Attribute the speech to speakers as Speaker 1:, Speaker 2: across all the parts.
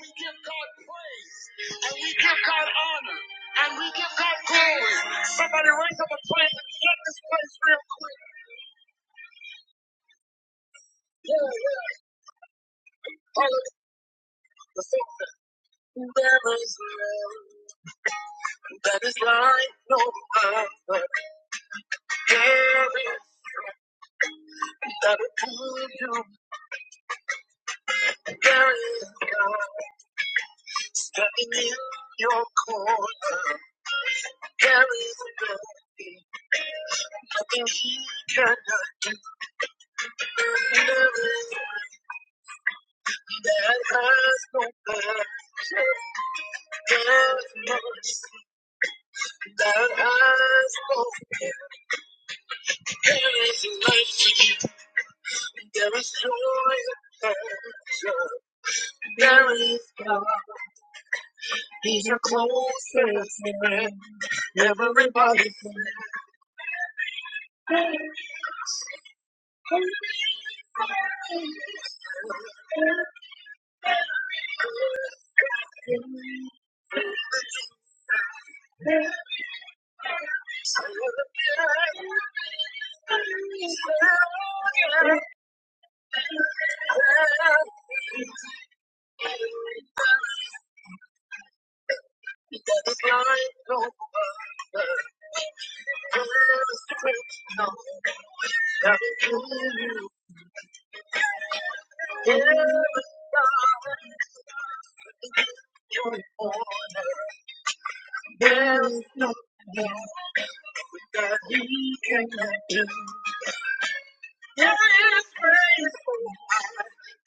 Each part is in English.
Speaker 1: We give God praise and we give God honor and we give God glory. Somebody raise up a praise and shut this place real quick. Yeah, yeah. Hallelujah. The song says, There is none that is like no other. There is that approve you. There is God standing in your corner. There is nothing, nothing he cannot do. There is that has compassion, have mercy, that has compassion. There is life to you, there is joy and pleasure, there is God. He's your closest friend. Everybody There's life, no, there's strength, that you There is no that he cannot do. There is grace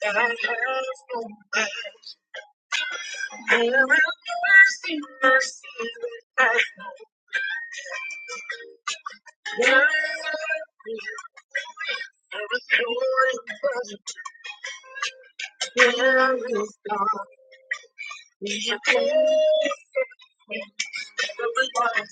Speaker 1: that has no end. There is mercy, mercy that has no end. There is joy, there is God. He is every life.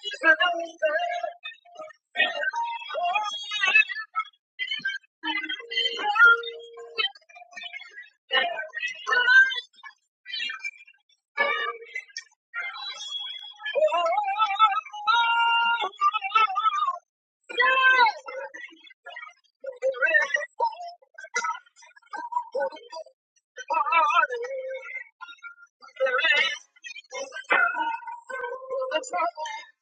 Speaker 1: He's a king of the Yes! There is party. There is the trouble. The trouble.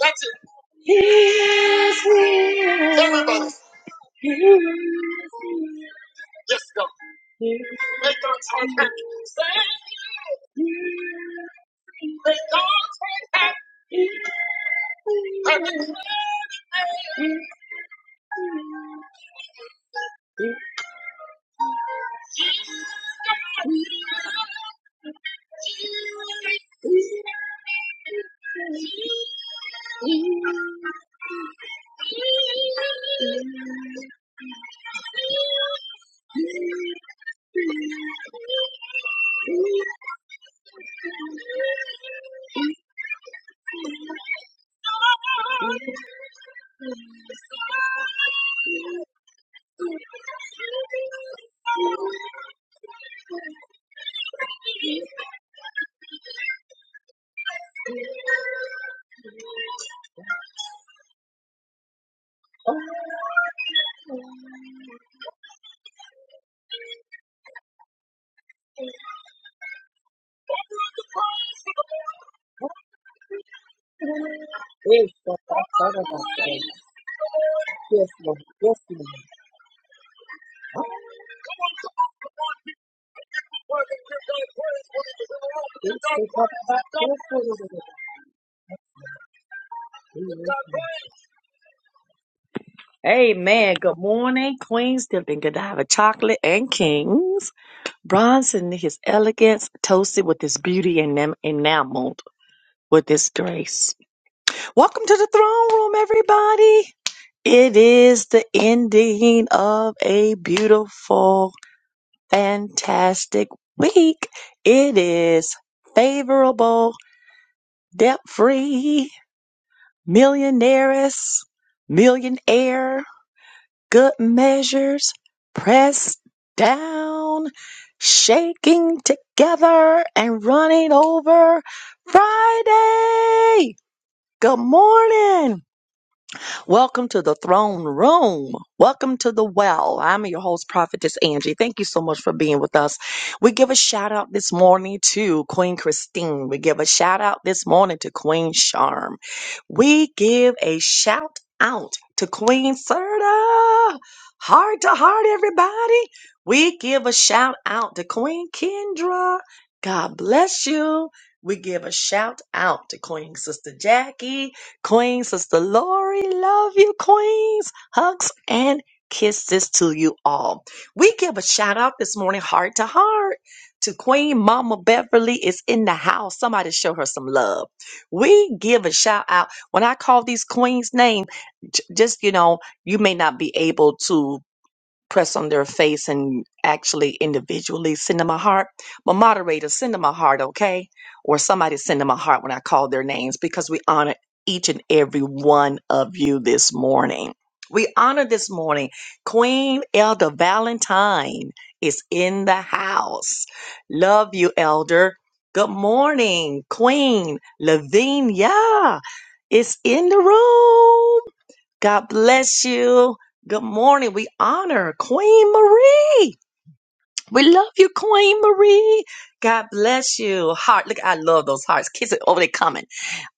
Speaker 1: That's it. He is real. Everybody. Yes, God. Make our tongue happy. Say, make our tongue happy. Yes, God, I thought about Yes, Lord. Yes, Lord. Amen. Good morning, Queens, Dipping Godiva, Chocolate, and Kings. Bronze in his elegance, toasted with his beauty and enam- enameled with his grace. Welcome to the throne room, everybody. It is the ending of a beautiful fantastic week. It is favorable, debt free, millionaires, millionaire, good measures, pressed down, shaking together, and running over Friday. Good morning. Welcome to the throne room. Welcome to the well. I'm your host, Prophetess Angie. Thank you so much for being with us. We give a shout out this morning to Queen Christine. We give a shout out this morning to Queen Charm. We give a shout out to Queen Serta. Heart to heart, everybody. We give a shout out to Queen Kendra. God bless you. We give a shout out to Queen Sister Jackie. Queen Sister Lori, love you, Queens. Hugs and kisses to you all. We give a shout out this morning, heart to heart, to Queen Mama Beverly is in the house. Somebody show her some love. We give a shout out. When I call these queens' name, j- just you know, you may not be able to press on their face and actually individually send them a heart. But moderators, send them a heart, okay? Or somebody send them a heart when I call their names because we honor each and every one of you this morning. We honor this morning. Queen Elder Valentine is in the house. Love you, Elder. Good morning, Queen Lavinia is in the room. God bless you. Good morning. We honor Queen Marie. We love you, Queen Marie. God bless you. Heart. Look, I love those hearts. Kiss it over they coming.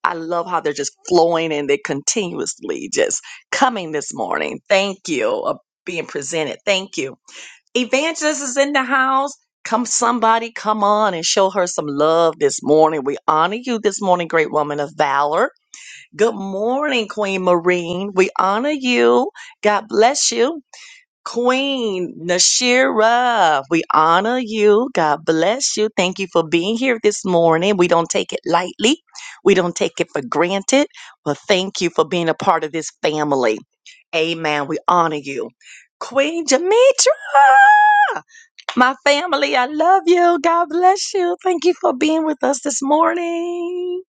Speaker 1: I love how they're just flowing and they continuously just coming this morning. Thank you of being presented. Thank you. Evangelist is in the house. Come somebody, come on and show her some love this morning. We honor you this morning, great woman of valor. Good morning, Queen Marine. We honor you. God bless you. Queen Nashira, we honor you. God bless you. Thank you for being here this morning. We don't take it lightly. We don't take it for granted. But thank you for being a part of this family. Amen. We honor you. Queen Demetra. My family, I love you. God bless you. Thank you for being with us this morning.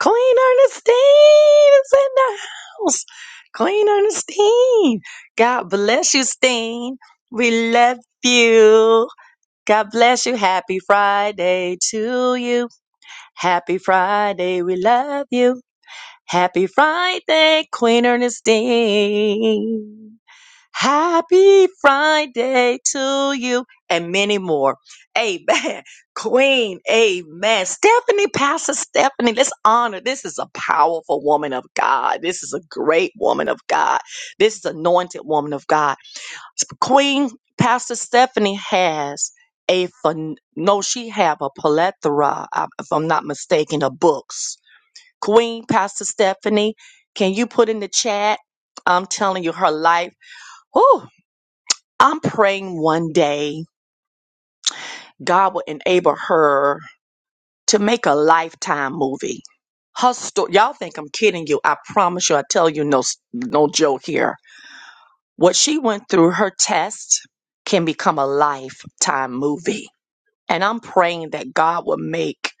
Speaker 1: Queen Ernestine is in the house. Queen Ernestine. God bless you, Steen. We love you. God bless you. Happy Friday to you. Happy Friday. We love you. Happy Friday, Queen Ernestine. Happy Friday to you, and many more. Amen. Queen, amen. Stephanie, Pastor Stephanie, let's honor. This is a powerful woman of God. This is a great woman of God. This is anointed woman of God. Queen Pastor Stephanie has a phen- no, she have a plethora, uh, if I'm not mistaken, of books. Queen Pastor Stephanie, can you put in the chat? I'm telling you, her life. Whew, I'm praying one day God will enable her to make a lifetime movie. Her story, y'all think I'm kidding you. I promise you, I tell you, no, s- no joke here. What she went through, her test can become a lifetime movie. And I'm praying that God will make,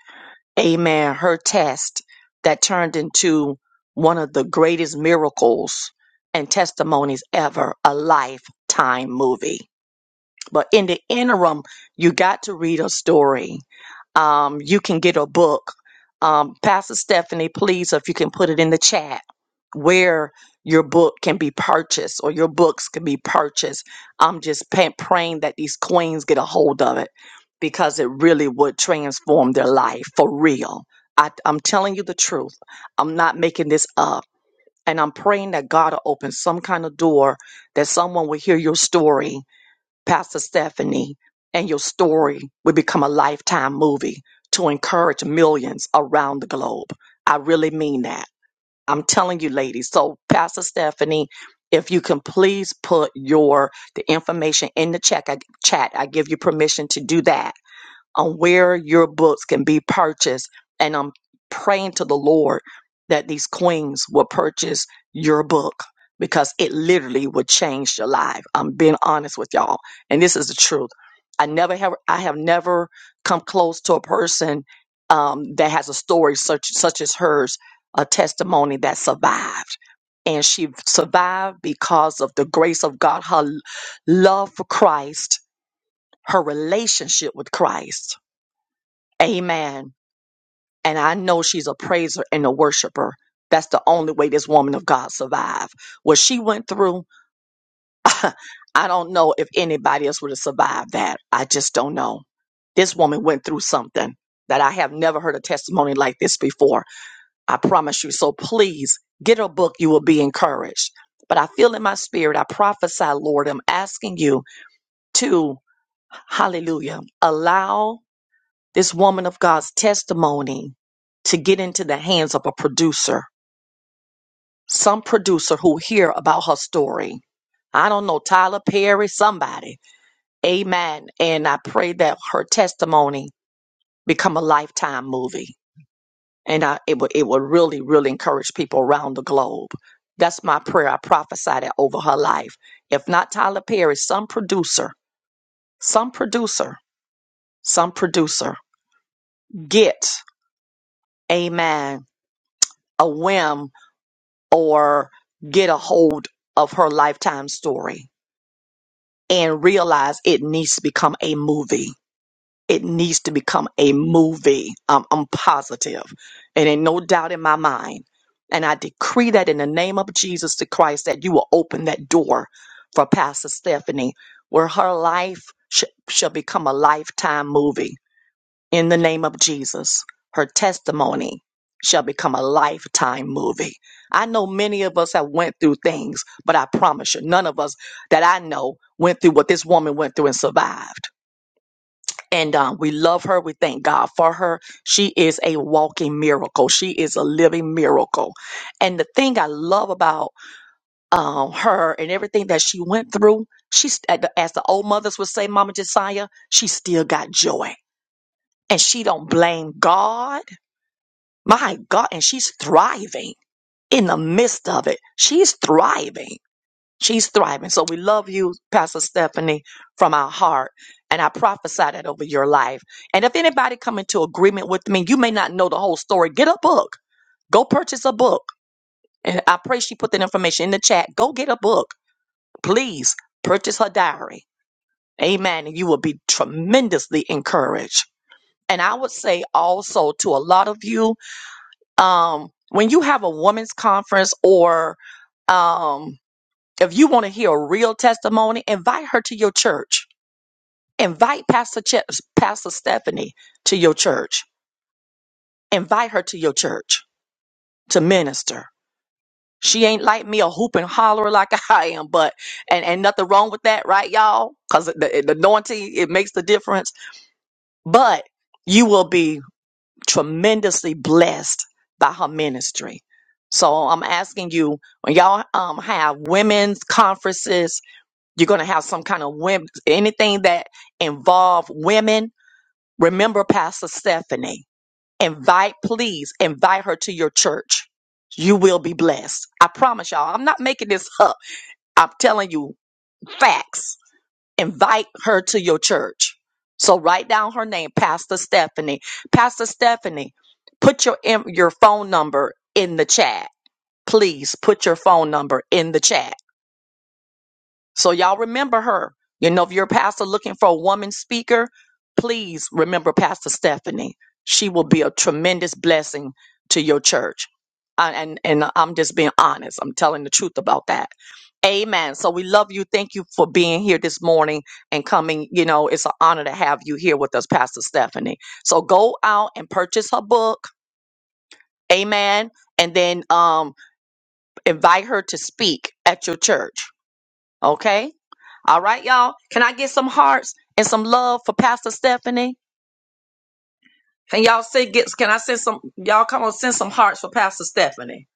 Speaker 1: amen, her test that turned into one of the greatest miracles and testimonies ever, a lifetime movie. But in the interim, you got to read a story. Um, you can get a book. Um, Pastor Stephanie, please, if you can put it in the chat where your book can be purchased or your books can be purchased. I'm just pa- praying that these queens get a hold of it because it really would transform their life for real. I, I'm telling you the truth. I'm not making this up. And I'm praying that God will open some kind of door that someone will hear your story Pastor Stephanie, and your story will become a lifetime movie to encourage millions around the globe. I really mean that. I'm telling you, ladies. So, Pastor Stephanie, if you can please put your the information in the check I, chat, I give you permission to do that on where your books can be purchased. And I'm praying to the Lord that these queens will purchase your book because it literally will change your life. I'm being honest with y'all. And this is the truth. I never have I have never come close to a person um, that has a story such such as hers, a testimony that survived. And she survived because of the grace of God, her l- love for Christ, her relationship with Christ Amen. And I know she's a praiser and a worshiper. That's the only way this woman of God survived. What she went through, I don't know if anybody else would have survived that. I just don't know. This woman went through something that I have never heard a testimony like this before. I promise you. So please get a book. You will be encouraged. But I feel in my spirit, I prophesy, Lord, I'm asking you to, hallelujah, allow this woman of God's testimony to get into the hands of a producer, some producer who hear about her story. I don't know, Tyler Perry, somebody. Amen. And I pray that her testimony become a lifetime movie. And I, it would it would really, really encourage people around the globe. That's my prayer. I prophesied it over her life. If not Tyler Perry, some producer, some producer, some producer, get, amen, a whim or get a hold of her lifetime story and realize it needs to become a movie. It needs to become a movie. Um, I'm positive. It ain't no doubt in my mind. And I decree that in the name of Jesus the Christ that you will open that door for Pastor Stephanie where her life sh- shall become a lifetime movie in the name of Jesus, her testimony shall become a lifetime movie. I know many of us have went through things, but I promise you, none of us that I know went through what this woman went through and survived. And um, we love her. We thank God for her. She is a walking miracle. She is a living miracle. And the thing I love about um, her and everything that she went through, she's as the old mothers would say, Mama Josiah, she still got joy and she don't blame God. My God, and she's thriving in the midst of it. She's thriving. She's thriving. So we love you, Pastor Stephanie, from our heart. And I prophesy that over your life. And if anybody come into agreement with me, you may not know the whole story. Get a book. Go purchase a book. And I pray she put that information in the chat. Go get a book. Please purchase her diary. Amen. And you will be tremendously encouraged. And I would say also to a lot of you, um, when you have a women's conference or um, if you want to hear a real testimony, invite her to your church. Invite Pastor Chips, Pastor Stephanie to your church. Invite her to your church to minister. She ain't like me a hoop and holler like I am, but and and nothing wrong with that, right, y'all? Because the, the anointing it makes the difference. But you will be tremendously blessed by her ministry. So I'm asking you, when y'all um, have women's conferences, you're going to have some kind of women, anything that involve women. Remember Pastor Stephanie. Invite, please invite her to your church. You will be blessed. I promise y'all. I'm not making this up. I'm telling you facts invite her to your church. So write down her name, Pastor Stephanie. Pastor Stephanie, put your em- your phone number in the chat. Please put your phone number in the chat so y'all remember her. You know, if you're a pastor looking for a woman speaker, please remember Pastor Stephanie. She will be a tremendous blessing to your church. I- And and I'm just being honest. I'm telling the truth about that. Amen. So we love you. Thank you for being here this morning and coming. You know, it's an honor to have you here with us, Pastor Stephanie. So go out and purchase her book. Amen. And then um invite her to speak at your church. Okay? All right, y'all. Can I get some hearts and some love for Pastor Stephanie? Can y'all say get can I send some y'all come on send some hearts for Pastor Stephanie?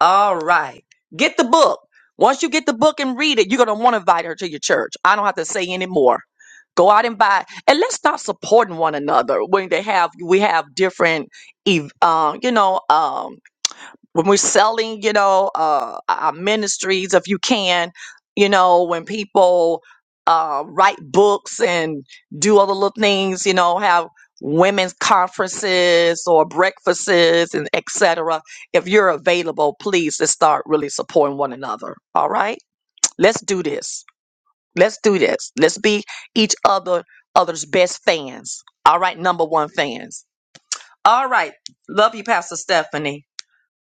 Speaker 1: All right. Get the book. Once you get the book and read it, you're gonna want to invite her to your church. I don't have to say any more. Go out and buy, and let's start supporting one another when they have we have different, ev- uh, you know, um. when we're selling, you know, uh, our ministries, if you can, you know, when people uh, write books and do other little things, you know, have women's conferences or breakfasts and etc. If you're available, please let's start really supporting one another. All right, let's do this. Let's do this. Let's be each other other's best fans. All right, number one fans. All right, love you, Pastor Stephanie.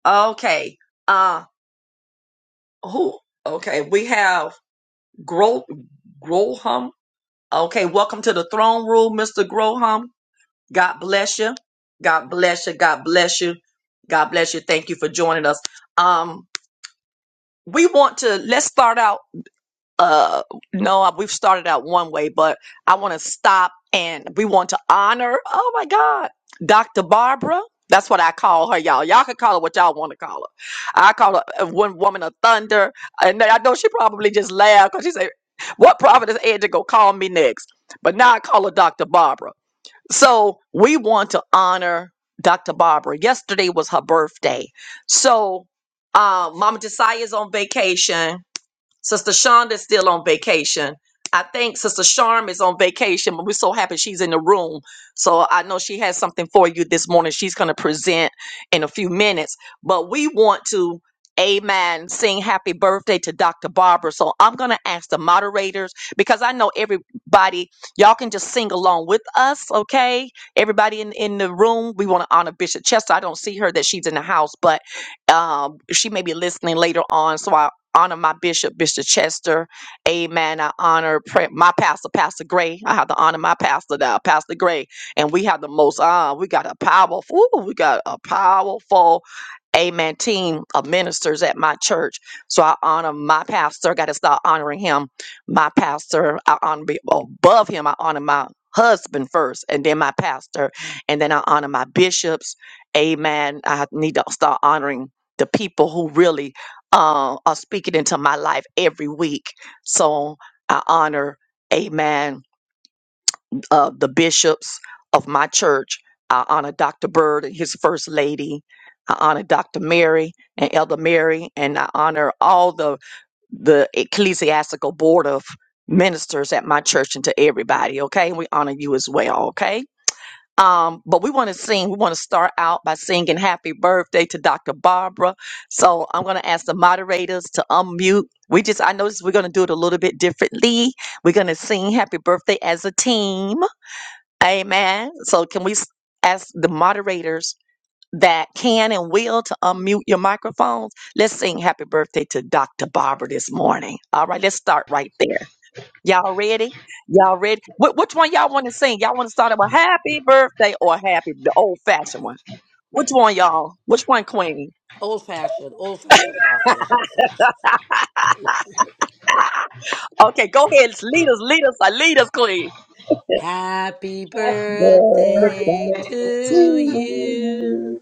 Speaker 1: Okay. Uh, who? Okay, we have Gro Groham. Okay, welcome to the throne room, Mr. Groham. God bless you. God bless you. God bless you. God bless you. Thank you for joining us. Um, we want to let's start out uh no I- we've started out one way but i want to stop and we want to honor oh my god dr barbara that's what i call her y'all y'all can call her what y'all want to call her i call her uh, one woman of thunder and i know she probably just laughed because she said what prophet is edge gonna call me next but now i call her dr barbara so we want to honor dr barbara yesterday was her birthday so um mama josiah is on vacation Sister Shonda's still on vacation. I think Sister Sharm is on vacation, but we're so happy she's in the room. So I know she has something for you this morning. She's going to present in a few minutes. But we want to, amen, sing happy birthday to Dr. Barbara. So I'm going to ask the moderators because I know everybody, y'all can just sing along with us, okay? Everybody in, in the room, we want to honor Bishop Chester. I don't see her that she's in the house, but um, she may be listening later on. So I honor my bishop, Bishop Chester. Amen. I honor pre- my pastor, Pastor Gray. I have to honor my pastor now, Pastor Gray. And we have the most, uh, we got a powerful, ooh, we got a powerful, amen, team of ministers at my church. So I honor my pastor. Got to start honoring him. My pastor, I honor be- above him, I honor my husband first and then my pastor and then i honor my bishops amen i need to start honoring the people who really uh, uh, speak it into my life every week. So I honor, amen, uh, the bishops of my church. I honor Dr. Bird and his first lady. I honor Dr. Mary and Elder Mary, and I honor all the the ecclesiastical board of ministers at my church and to everybody. Okay, we honor you as well. Okay. Um, but we want to sing. We want to start out by singing happy birthday to Dr. Barbara. So I'm going to ask the moderators to unmute. We just, I noticed we're going to do it a little bit differently. We're going to sing happy birthday as a team. Amen. So can we s- ask the moderators that can and will to unmute your microphones? Let's sing happy birthday to Dr. Barbara this morning. All right, let's start right there. Y'all ready? Y'all ready? Wh- which one y'all want to sing? Y'all want to start it with happy birthday or happy, the old fashioned one? Which one, y'all? Which one, Queen?
Speaker 2: Old fashioned, old fashioned prophet is old fashioned.
Speaker 1: Okay, go ahead. Lead us, lead us, uh, lead us, Queen.
Speaker 2: Happy
Speaker 3: Happy
Speaker 2: birthday
Speaker 1: Birthday
Speaker 3: birthday.
Speaker 1: to
Speaker 2: to you.
Speaker 1: you.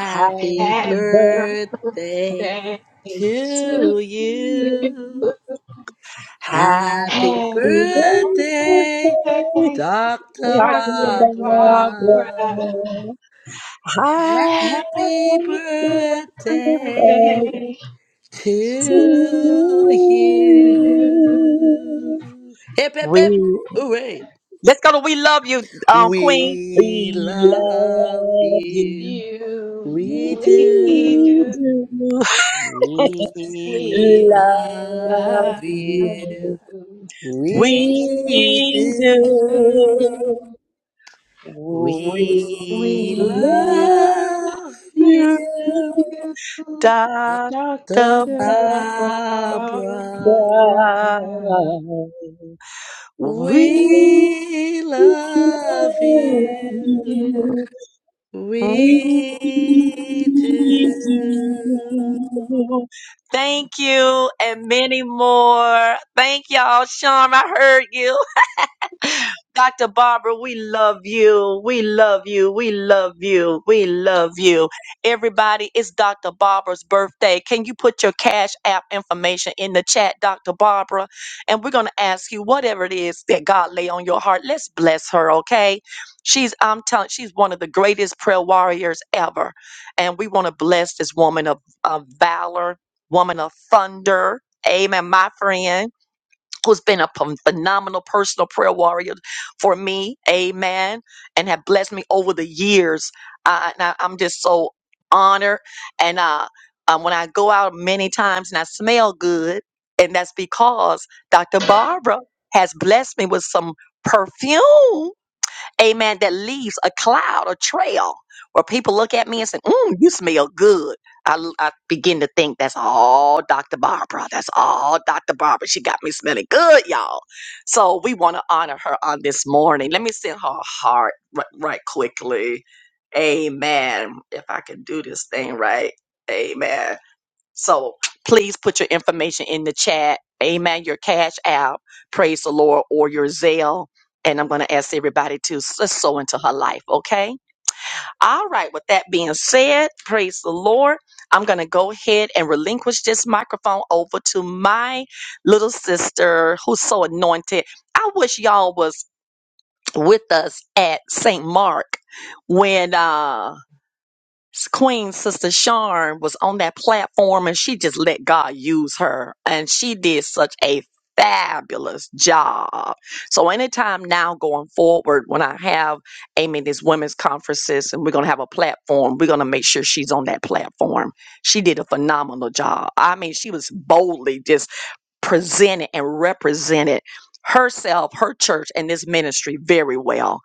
Speaker 1: Happy
Speaker 3: Happy
Speaker 1: birthday
Speaker 2: birthday
Speaker 3: birthday to
Speaker 1: to
Speaker 2: to
Speaker 3: you.
Speaker 1: you.
Speaker 2: you. Happy
Speaker 1: Happy
Speaker 3: Happy
Speaker 2: birthday,
Speaker 1: birthday,
Speaker 3: birthday,
Speaker 2: Dr.
Speaker 1: Rocky
Speaker 3: Dr. Barbara.
Speaker 2: Barbara.
Speaker 1: Barbara.
Speaker 2: Happy
Speaker 3: Happy
Speaker 1: Happy birthday
Speaker 2: birthday
Speaker 3: birthday
Speaker 1: to
Speaker 3: to you.
Speaker 2: to
Speaker 1: you.
Speaker 2: you. Hip, hip, hip.
Speaker 1: We
Speaker 2: Hooray.
Speaker 1: let's go to we love you, um, Queen.
Speaker 2: We
Speaker 1: We
Speaker 2: love
Speaker 1: love you.
Speaker 2: you.
Speaker 3: You,
Speaker 2: We
Speaker 3: we
Speaker 2: do.
Speaker 3: do,
Speaker 2: We
Speaker 3: we
Speaker 2: love
Speaker 3: love
Speaker 2: you.
Speaker 3: you.
Speaker 1: We
Speaker 2: We
Speaker 1: do love you. We do.
Speaker 2: do.
Speaker 1: We
Speaker 2: We
Speaker 3: We
Speaker 1: love
Speaker 2: love
Speaker 3: love
Speaker 1: you,
Speaker 2: you,
Speaker 3: you.
Speaker 1: Doctor
Speaker 2: the
Speaker 3: Dr. Barbara
Speaker 2: Barbara.
Speaker 1: Barbara. We
Speaker 2: We love you.
Speaker 3: is
Speaker 2: We do.
Speaker 1: Thank you and many more. Thank y'all, Charm. I heard you. Dr. Barbara, we love you. We love you. We love you. We love you. Everybody, it's Dr. Barbara's birthday. Can you put your Cash App information in the chat, Dr. Barbara? And we're going to ask you whatever it is that God lay on your heart. Let's bless her, okay? She's, I'm telling, she's one of the greatest prayer warriors ever. And we want to bless this woman of, of valor, woman of thunder. Amen, my friend who's been a phen- phenomenal personal prayer warrior for me, amen, and have blessed me over the years. Uh, and I, am just so honored. And uh, um, when I go out many times and I smell good, and that's because Dr. Barbara has blessed me with some perfume amen, that leaves a cloud, a trail where people look at me and say, mm, you smell good. I, I begin to think that's all Dr. Barbara. That's all Dr. Barbara. She got me smelling good, y'all. So we want to honor her on this morning. Let me send her a heart right, right quickly. Amen. If I can do this thing right. Amen. So please put your information in the chat. Amen. Your cash app, praise the Lord, or your Zelle. And I'm going to ask everybody to s- let's sow into her life. Okay. All right. With that being said, praise the Lord. I'm going to go ahead and relinquish this microphone over to my little sister who's so anointed. I wish y'all was with us at St. Mark when, uh, Queen Sister Sharn was on that platform and she just let God use her. And she did such a fabulous job. So anytime now going forward, when I have Amy these women's conferences and we're gonna have a platform, we're gonna make sure she's on that platform. She did a phenomenal job. I mean, she was boldly just presented and represented herself, her church, and this ministry very well.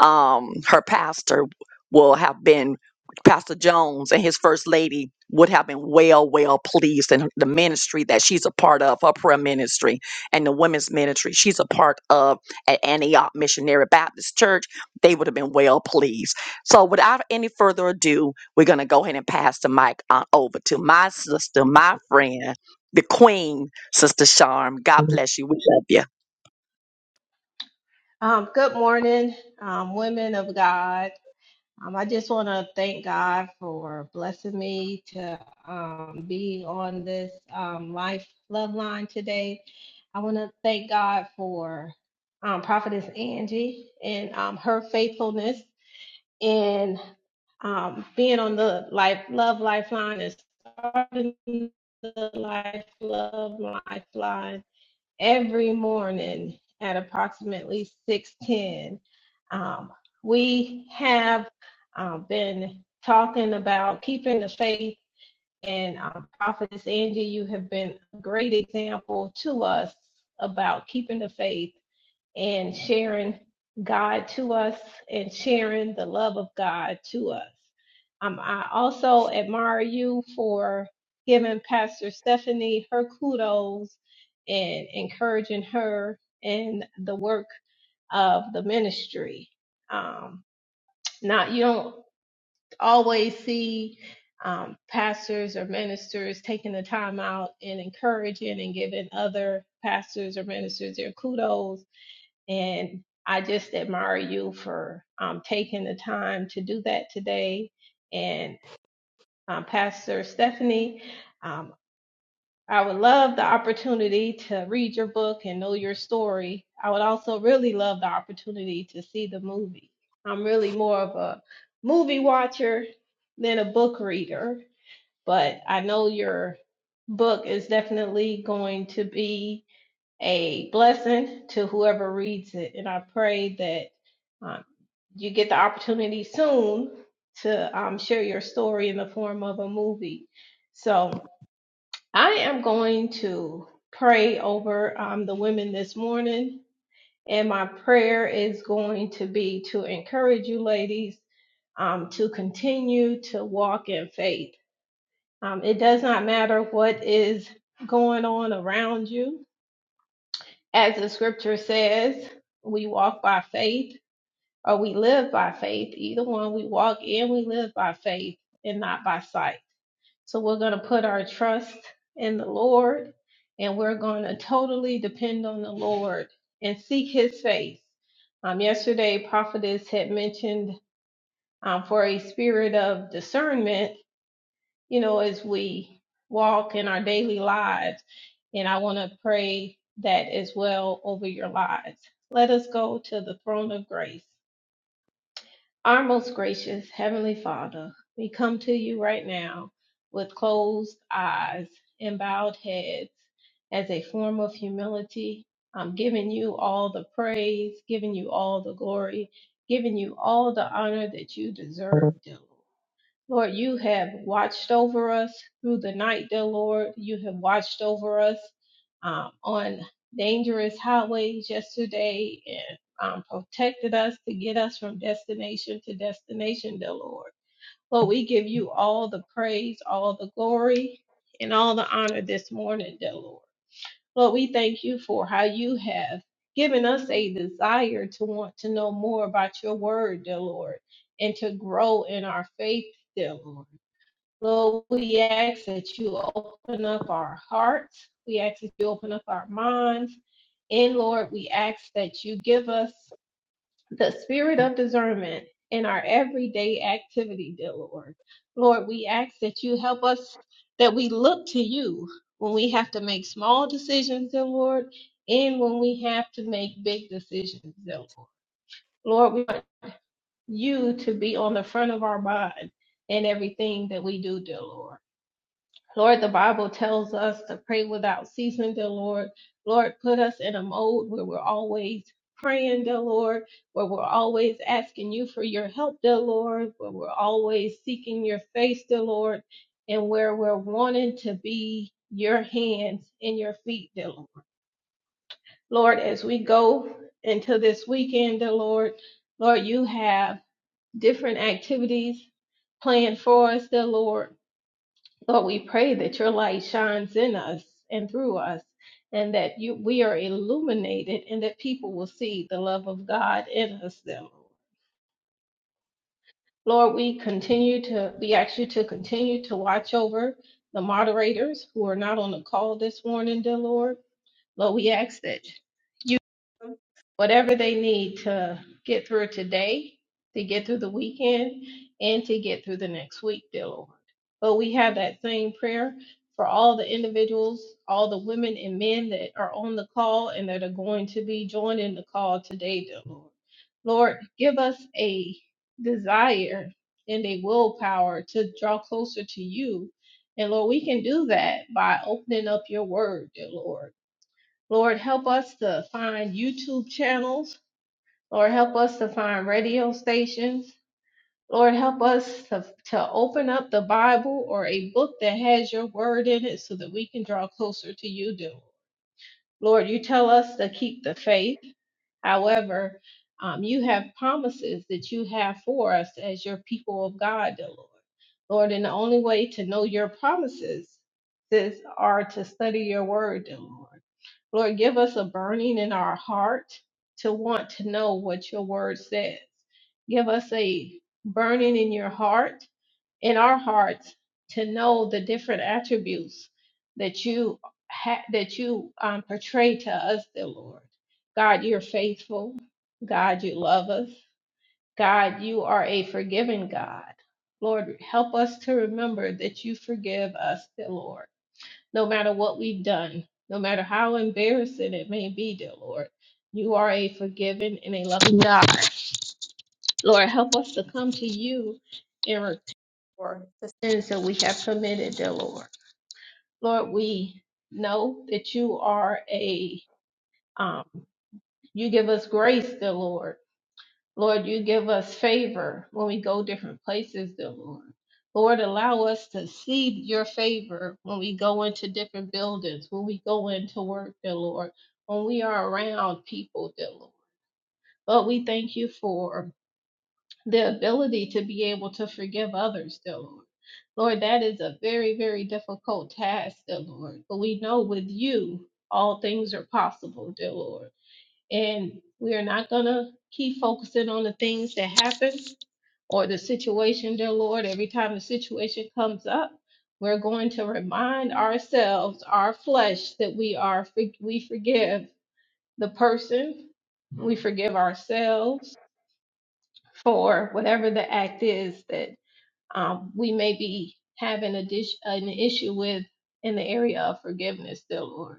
Speaker 1: Um, her pastor will have been Pastor Jones and his first lady would have been well, well pleased in the ministry that she's a part of, her prayer ministry and the women's ministry she's a part of at Antioch Missionary Baptist Church. They would have been well pleased. So, without any further ado, we're going to go ahead and pass the mic on over to my sister, my friend, the queen, Sister Charm, God
Speaker 4: who
Speaker 1: bless you. We love you.
Speaker 3: Um, good morning, um, women of God. Um, I just want to thank God for blessing me to um, be on this um, Life Love Line today. I want to thank God for um, Prophetess Angie and um, her faithfulness. and um, being on the life love lifeline and starting the life love lifeline every morning at approximately 6.10 um, we have um, been talking about keeping the faith and um, prophetess angie you have been a great example to us about keeping the faith and sharing God to us and sharing the love of God to us. Um, I also admire you for giving Pastor Stephanie her kudos and encouraging her in the work of the ministry. Um, not you don't always see um, pastors or ministers taking the time out and encouraging and giving other pastors or ministers their kudos and I just admire you for um, taking the time to do that today. And um, Pastor Stephanie, um, I would love the opportunity to read your book and know your story. I would also really love the opportunity to see the movie. I'm really more of a movie watcher than a book reader, but I know your book is definitely going to be a blessing to whoever reads it. And I pray that um, you get the opportunity soon to um, share your story in the form of a movie. So I am going to pray over um, the women this morning. And my prayer is going to be to encourage you, ladies, um, to continue to walk in faith. Um, it does not matter what is going on around you As the scripture says, we walk by faith or we live by faith. Either one, we walk and we live by faith and not by sight. So we're going to put our trust in the Lord and we're going to totally depend on the Lord and seek his face. Um, yesterday, prophetess had mentioned um, for a spirit of discernment you know, as we walk in our daily lives. And I want to pray that as well over your lives. Let us go to the throne of grace. Our most gracious Heavenly Father, we come to you right now with closed eyes and bowed heads as a form of humility. I'm giving you all the praise, giving you all the glory, giving you all the honor that you deserve, dear Lord. Lord, you have watched over us through the night, dear Lord. You have watched over us um, on dangerous highways yesterday and um, protected us to get us from destination to destination, dear Lord. Lord, we give you all the praise, all the glory, and all the honor this morning, dear Lord. Lord, we thank you for how you have given us a desire to want to know more about your word, dear Lord, and to grow in our faith, dear Lord. Lord, we ask that you open up our hearts. We ask that you open up our minds. And Lord, we ask that you give us the spirit of discernment in our everyday activity, dear Lord. Lord, we ask that you help us, that we look to you when we have to make small decisions, dear Lord, and when we have to make big decisions, dear Lord. Lord, we want you to be on the front of our mind in everything that we do, dear Lord. Lord, the Bible tells us to pray without ceasing, dear Lord. Lord, put us in a mode where we're always praying, dear Lord, where we're always asking you for your help, dear Lord, where we're always seeking your face, dear Lord, and where we're wanting to be your hands and your feet, dear Lord. Lord, as we go into this weekend, dear Lord, Lord, you have different activities planned for us, dear Lord. Lord, we pray that your light shines in us and through us, and that you we are illuminated, and that people will see the love of God in us. Them, Lord, we continue to we ask you to continue to watch over the moderators who are not on the call this morning, dear Lord. Lord, we ask that You. whatever they need to get through today, to get through the weekend, and to get through the next week, dear Lord. But we have that same prayer for all the individuals, all the women and men that are on the call and that are going to be joining the call today, dear Lord. Lord, give us a desire and a willpower to draw closer to you. And Lord, we can do that by opening up your word, dear Lord. Lord, help us to find YouTube channels Lord, help us to find radio stations. Lord, help us to, to open up the Bible or a book that has your word in it so that we can draw closer to you, dear Lord. you tell us to keep the faith. However, um, you have promises that you have for us as your people of God, dear Lord. Lord, and the only way to know your promises is are to study your word, dear Lord. Lord, give us a burning in our heart to want to know what your word says. Give us a burning in your heart, in our hearts, to know the different attributes that you ha- that you um, portray to us, dear Lord. God, you're faithful. God, you love us. God, you are a forgiving God. Lord, help us to remember that you forgive us, dear Lord no matter what we've done, no matter how embarrassing it may be, dear Lord. You are a forgiving and a loving God. Lord, help us to come to you and restore the sins that we have committed, dear Lord. Lord, we know that you are a, um, you give us grace, dear Lord Lord, you give us favor when we go different places, dear Lord. Lord, allow us to see your favor when we go into different buildings, when we go into work, dear Lord, when we are around people, dear Lord. But we thank you for the ability to be able to forgive others, dear Lord. Lord, that is a very, very difficult task, dear Lord. But we know with you all things are possible, dear Lord and we are not going to keep focusing on the things that happen or the situation, dear Lord. Every time the situation comes up, we're going to remind ourselves, our flesh, that we are for- we forgive the person, we forgive ourselves for whatever the act is that um, we may be having a dish, an issue with in the area of forgiveness, dear Lord.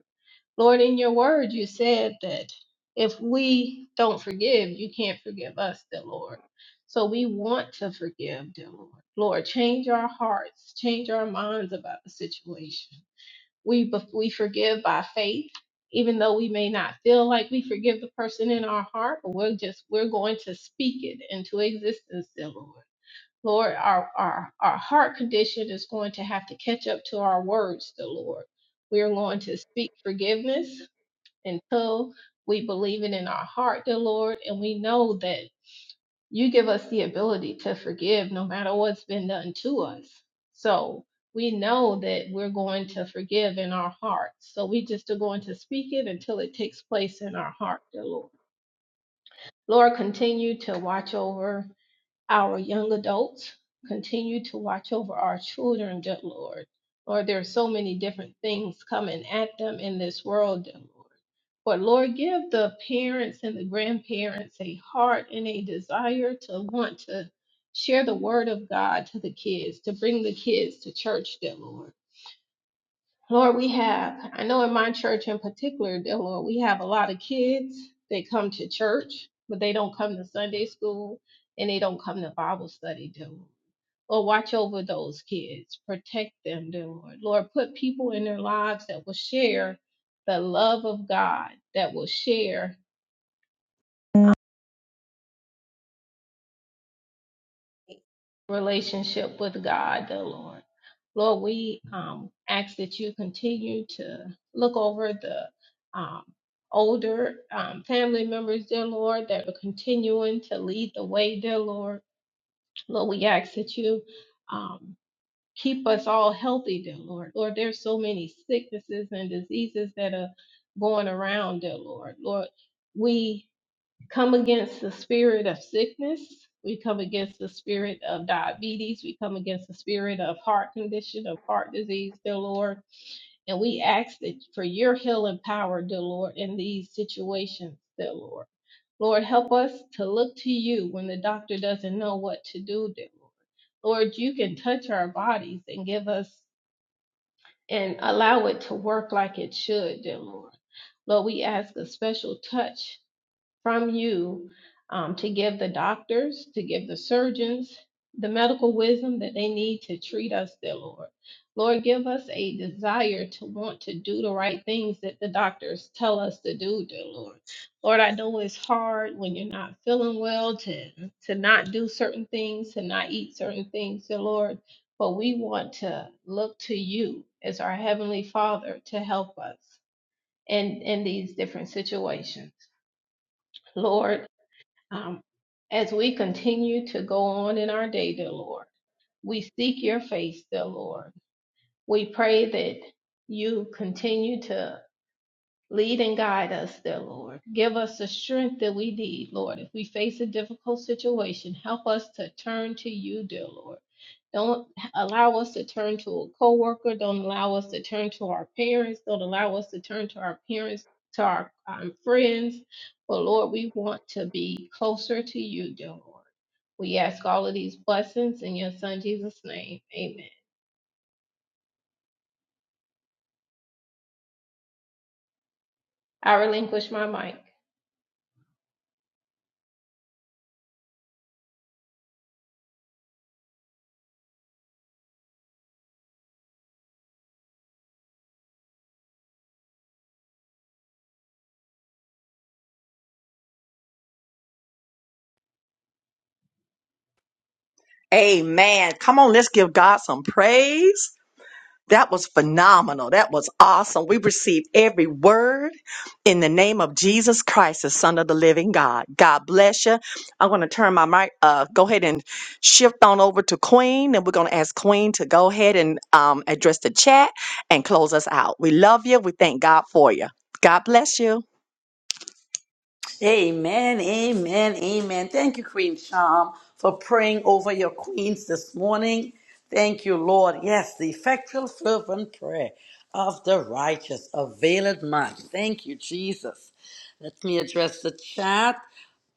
Speaker 3: Lord, in your word, you said that if we don't forgive, you can't forgive us, dear Lord. So we want to forgive, dear Lord. Lord, change our hearts, change our minds about the situation. We, we forgive by faith, even though we may not feel like we forgive the person in our heart, but we're just, we're going to speak it into existence, dear Lord. Lord, our, our, our heart condition is going to have to catch up to our words, dear Lord. We are going to speak forgiveness until we believe it in our heart, dear Lord, and we know that you give us the ability to forgive no matter what's been done to us. So we know that we're going to forgive in our hearts. So we just are going to speak it until it takes place in our heart, dear Lord. Lord, continue to watch over our young adults continue to watch over our children, dear Lord. Lord, there are so many different things coming at them in this world, dear Lord. But Lord, give the parents and the grandparents a heart and a desire to want to share the word of God to the kids, to bring the kids to church, dear Lord. Lord, we have, I know in my church in particular, dear Lord, we have a lot of kids that come to church, but they don't come to Sunday school and they don't come to Bible study, dear Lord. Lord, watch over those kids, protect them, dear Lord. Lord, put people in their lives that will share the love of God, that will share. relationship with God, dear Lord. Lord, we um, ask that you continue to look over the um, older um, family members, dear Lord, that are continuing to lead the way, dear Lord. Lord, we ask that you um, keep us all healthy, dear Lord. Lord, there's so many sicknesses and diseases that are going around, dear Lord. Lord, we come against the spirit of sickness. We come against the spirit of diabetes. We come against the spirit of heart condition, of heart disease, dear Lord. And we ask that for your healing power, dear Lord, in these situations, dear Lord. Lord, help us to look to you when the doctor doesn't know what to do, dear Lord. Lord, you can touch our bodies and give us and allow it to work like it should, dear Lord. Lord, we ask a special touch from you um, to give the doctors, to give the surgeons the medical wisdom that they need to treat us, dear Lord. Lord, give us a desire to want to do the right things that the doctors tell us to do, dear Lord. Lord, I know it's hard when you're not feeling well to, to not do certain things, to not eat certain things, dear Lord. But we want to look to you as our Heavenly Father to help us in, in these different situations. Lord, um, as we continue to go on in our day, dear Lord, we seek your face, dear Lord. We pray that you continue to Lead and guide us, dear Lord. Give us the strength that we need, Lord. If we face a difficult situation, help us to turn to you, dear Lord. Don't allow us to turn to a coworker. Don't allow us to turn to our parents. Don't allow us to turn to our parents, to our um, friends. But Lord, we want to be closer to you, dear Lord. We ask all of these blessings in your son Jesus' name. Amen. I relinquish my mic.
Speaker 1: Amen. Come on, let's give God some praise. That was phenomenal. That was awesome. We received every word in the name of Jesus Christ, the Son of the Living God. God bless you. I'm going to turn my mic. Uh, go ahead and shift on over to Queen, and we're going to ask Queen to go ahead and um, address the chat and close us out. We love you. We thank God for you. God bless you.
Speaker 2: Amen, amen, amen. Thank you, Queen Sham, for praying over your queens this morning. Thank you, Lord. Yes, the effectual, fervent prayer of the righteous availeth much. Thank you, Jesus. Let me address the chat.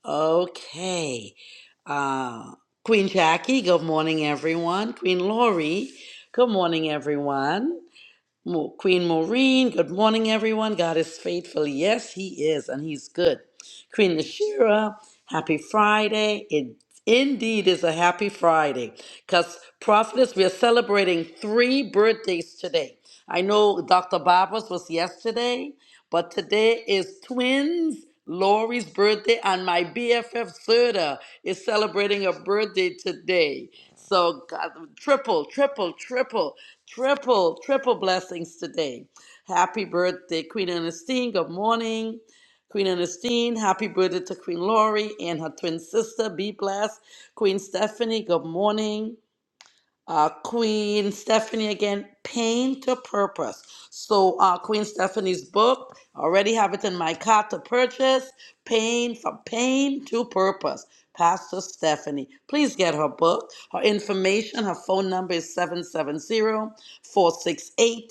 Speaker 2: Okay. Uh, Queen Jackie, good morning, everyone. Queen Lori, good morning, everyone. Mo- Queen Maureen, good morning, everyone. God is faithful. Yes, He is, and He's good. Queen Nashira, happy Friday. It indeed is a happy Friday because, prophetess, we are celebrating three birthdays today. I know Dr. Barbara's was yesterday, but today is twins. Lori's birthday and my BFF Serta is celebrating a birthday today. So God, triple, triple, triple. Triple, triple blessings today. Happy birthday, Queen Ernestine. Good morning. Queen Ernestine, happy birthday to Queen Laurie and her twin sister. Be blessed. Queen Stephanie, good morning uh, Queen Stephanie again, Pain to Purpose. So, uh, Queen Stephanie's book, I already have it in my cart to purchase. Pain from Pain to Purpose. Pastor Stephanie, please get her book. Her information, her phone number is 770 468.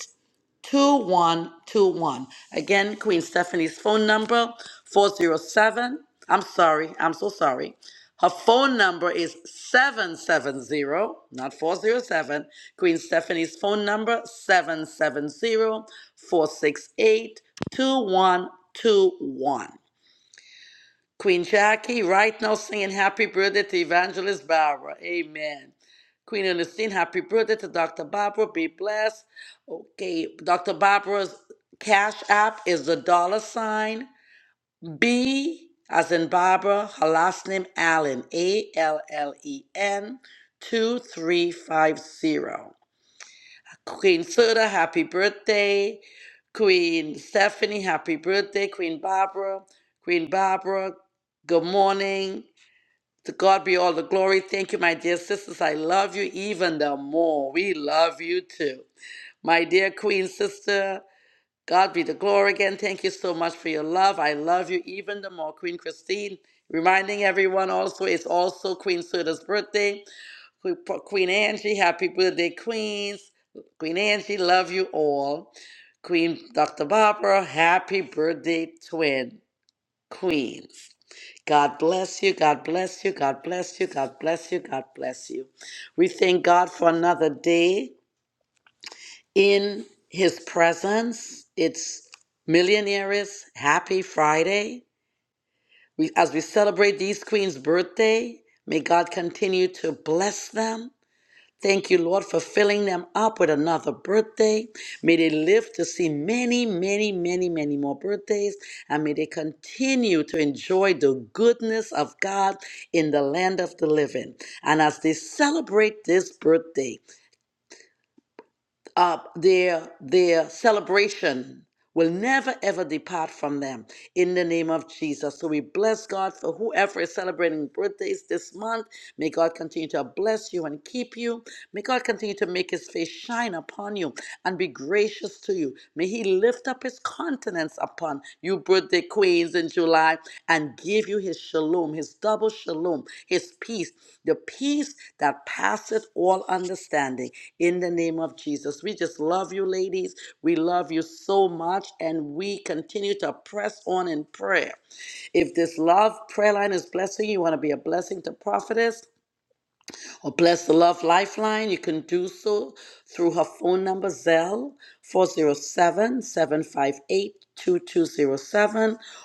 Speaker 2: 2121. Again, Queen Stephanie's phone number 407. I'm sorry, I'm so sorry. Her phone number is 770, not 407. Queen Stephanie's phone number seven seven zero four six eight two one two one. Queen Jackie, right now singing happy birthday to Evangelist Barbara. Amen. Queen Ernestine, happy birthday to Dr. Barbara. Be blessed. Okay, Dr. Barbara's cash app is the dollar sign B, as in Barbara, her last name Allen, A L L E N 2350. Queen Suda, happy birthday. Queen Stephanie, happy birthday. Queen Barbara, Queen Barbara, good morning. To God be all the glory. Thank you, my dear sisters. I love you even the more. We love you too. My dear Queen Sister, God be the glory again. Thank you so much for your love. I love you even the more. Queen Christine, reminding everyone also, it's also Queen Suda's birthday. Que- for Queen Angie, happy birthday, Queens. Queen Angie, love you all. Queen Dr. Barbara, happy birthday, twin Queens. God bless you, God bless you, God bless you, God bless you, God bless you. We thank God for another day in His presence. It's Millionaires Happy Friday. We, as we celebrate these queens' birthday, may God continue to bless them Thank you, Lord, for filling them up with another birthday. May they live to see many, many, many, many more birthdays. And may they continue to enjoy the goodness of God in the land of the living. And as they celebrate this birthday, uh, their their celebration will never ever depart from them in the name of Jesus. So we bless God for whoever is celebrating birthdays this month. May God continue to bless you and keep you. May God continue to make his face shine upon you and be gracious to you. May he lift up his countenance upon you, birthday queens in July, and give you his shalom, his double shalom, his peace, the peace that passeth all understanding in the name of Jesus. We just love you, ladies. We love you so much, and we continue to press on in prayer. If this love prayer line is blessing you, you want to be a blessing to prophetess or Bless the Love Lifeline. You can do so through her phone number, Zelle 407 758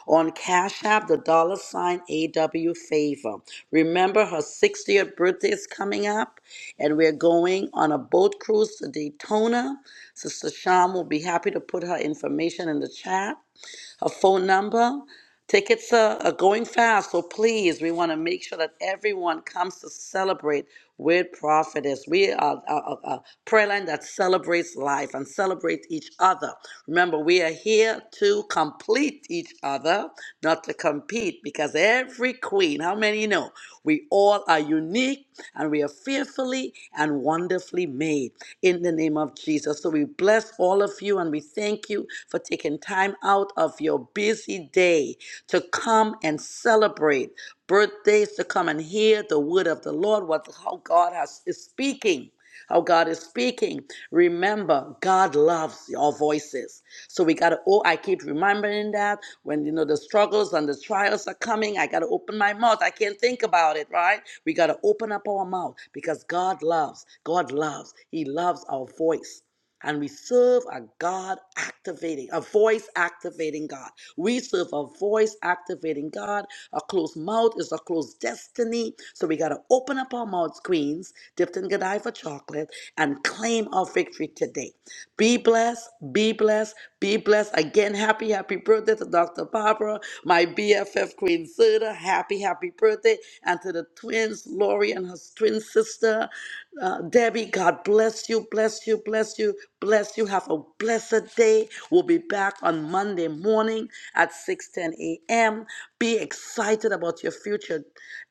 Speaker 2: on Cash App, the dollar sign AW Favor. Remember, her 60th birthday is coming up, and we're going on a boat cruise to Daytona. Sister Sham will be happy to put her information in the chat a phone number. Tickets are, are going fast, so please, we want to make sure that everyone comes to celebrate with Prophetess. We are a, a, a prayer line that celebrates life and celebrates each other. Remember, we are here to complete each other, not to compete, because every queen, how many know, we all are unique and we are fearfully and wonderfully made in the name of Jesus. So we bless all of you and we thank you for taking time out of your busy day to come and celebrate birthdays, to come and hear the word of the Lord, what how God has, is speaking how God is speaking. Remember, God loves your voices. So we gotta oh, I keep remembering that when you know the struggles and the trials are coming, I gotta open my mouth. I can't think about it, right? We gotta open up our mouth because God loves. God loves. He loves our voice. And we serve a God activating, a voice activating God. We serve a voice activating God. A closed mouth is a closed destiny. So we got to open up our mouths, queens, dipped in Godiva chocolate, and claim our victory today. Be blessed, be blessed, be blessed again. Happy, happy birthday to Dr. Barbara, my BFF Queen Suda. Happy, happy birthday. And to the twins, Lori and her twin sister, uh, Debbie. God bless you, bless you, bless you, bless you. Have a blessed day. We'll be back on Monday morning at 6:10 a.m. Be excited about your future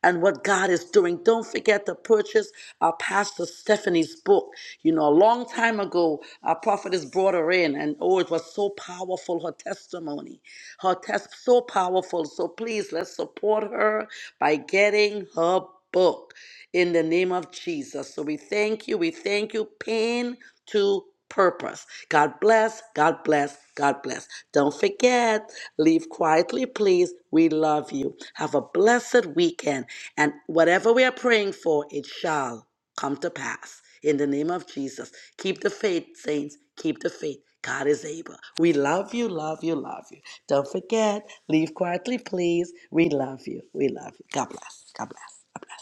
Speaker 2: and what God is doing. Don't forget to purchase our Pastor Stephanie's book. You know, a long time ago, our prophetess brought her in, and oh, it was so powerful her testimony. Her test so powerful. So please let's support her by getting her book in the name of Jesus. So we thank you. We thank you. Pain to purpose. God bless. God bless. God bless. Don't forget, leave quietly, please. We love you. Have a blessed weekend. And whatever we are praying for, it shall come to pass in the name of Jesus. Keep the faith, saints. Keep the faith. God is able. We love you, love you, love you. Don't forget, leave quietly, please. We love you. We love you. God bless. God bless. God bless.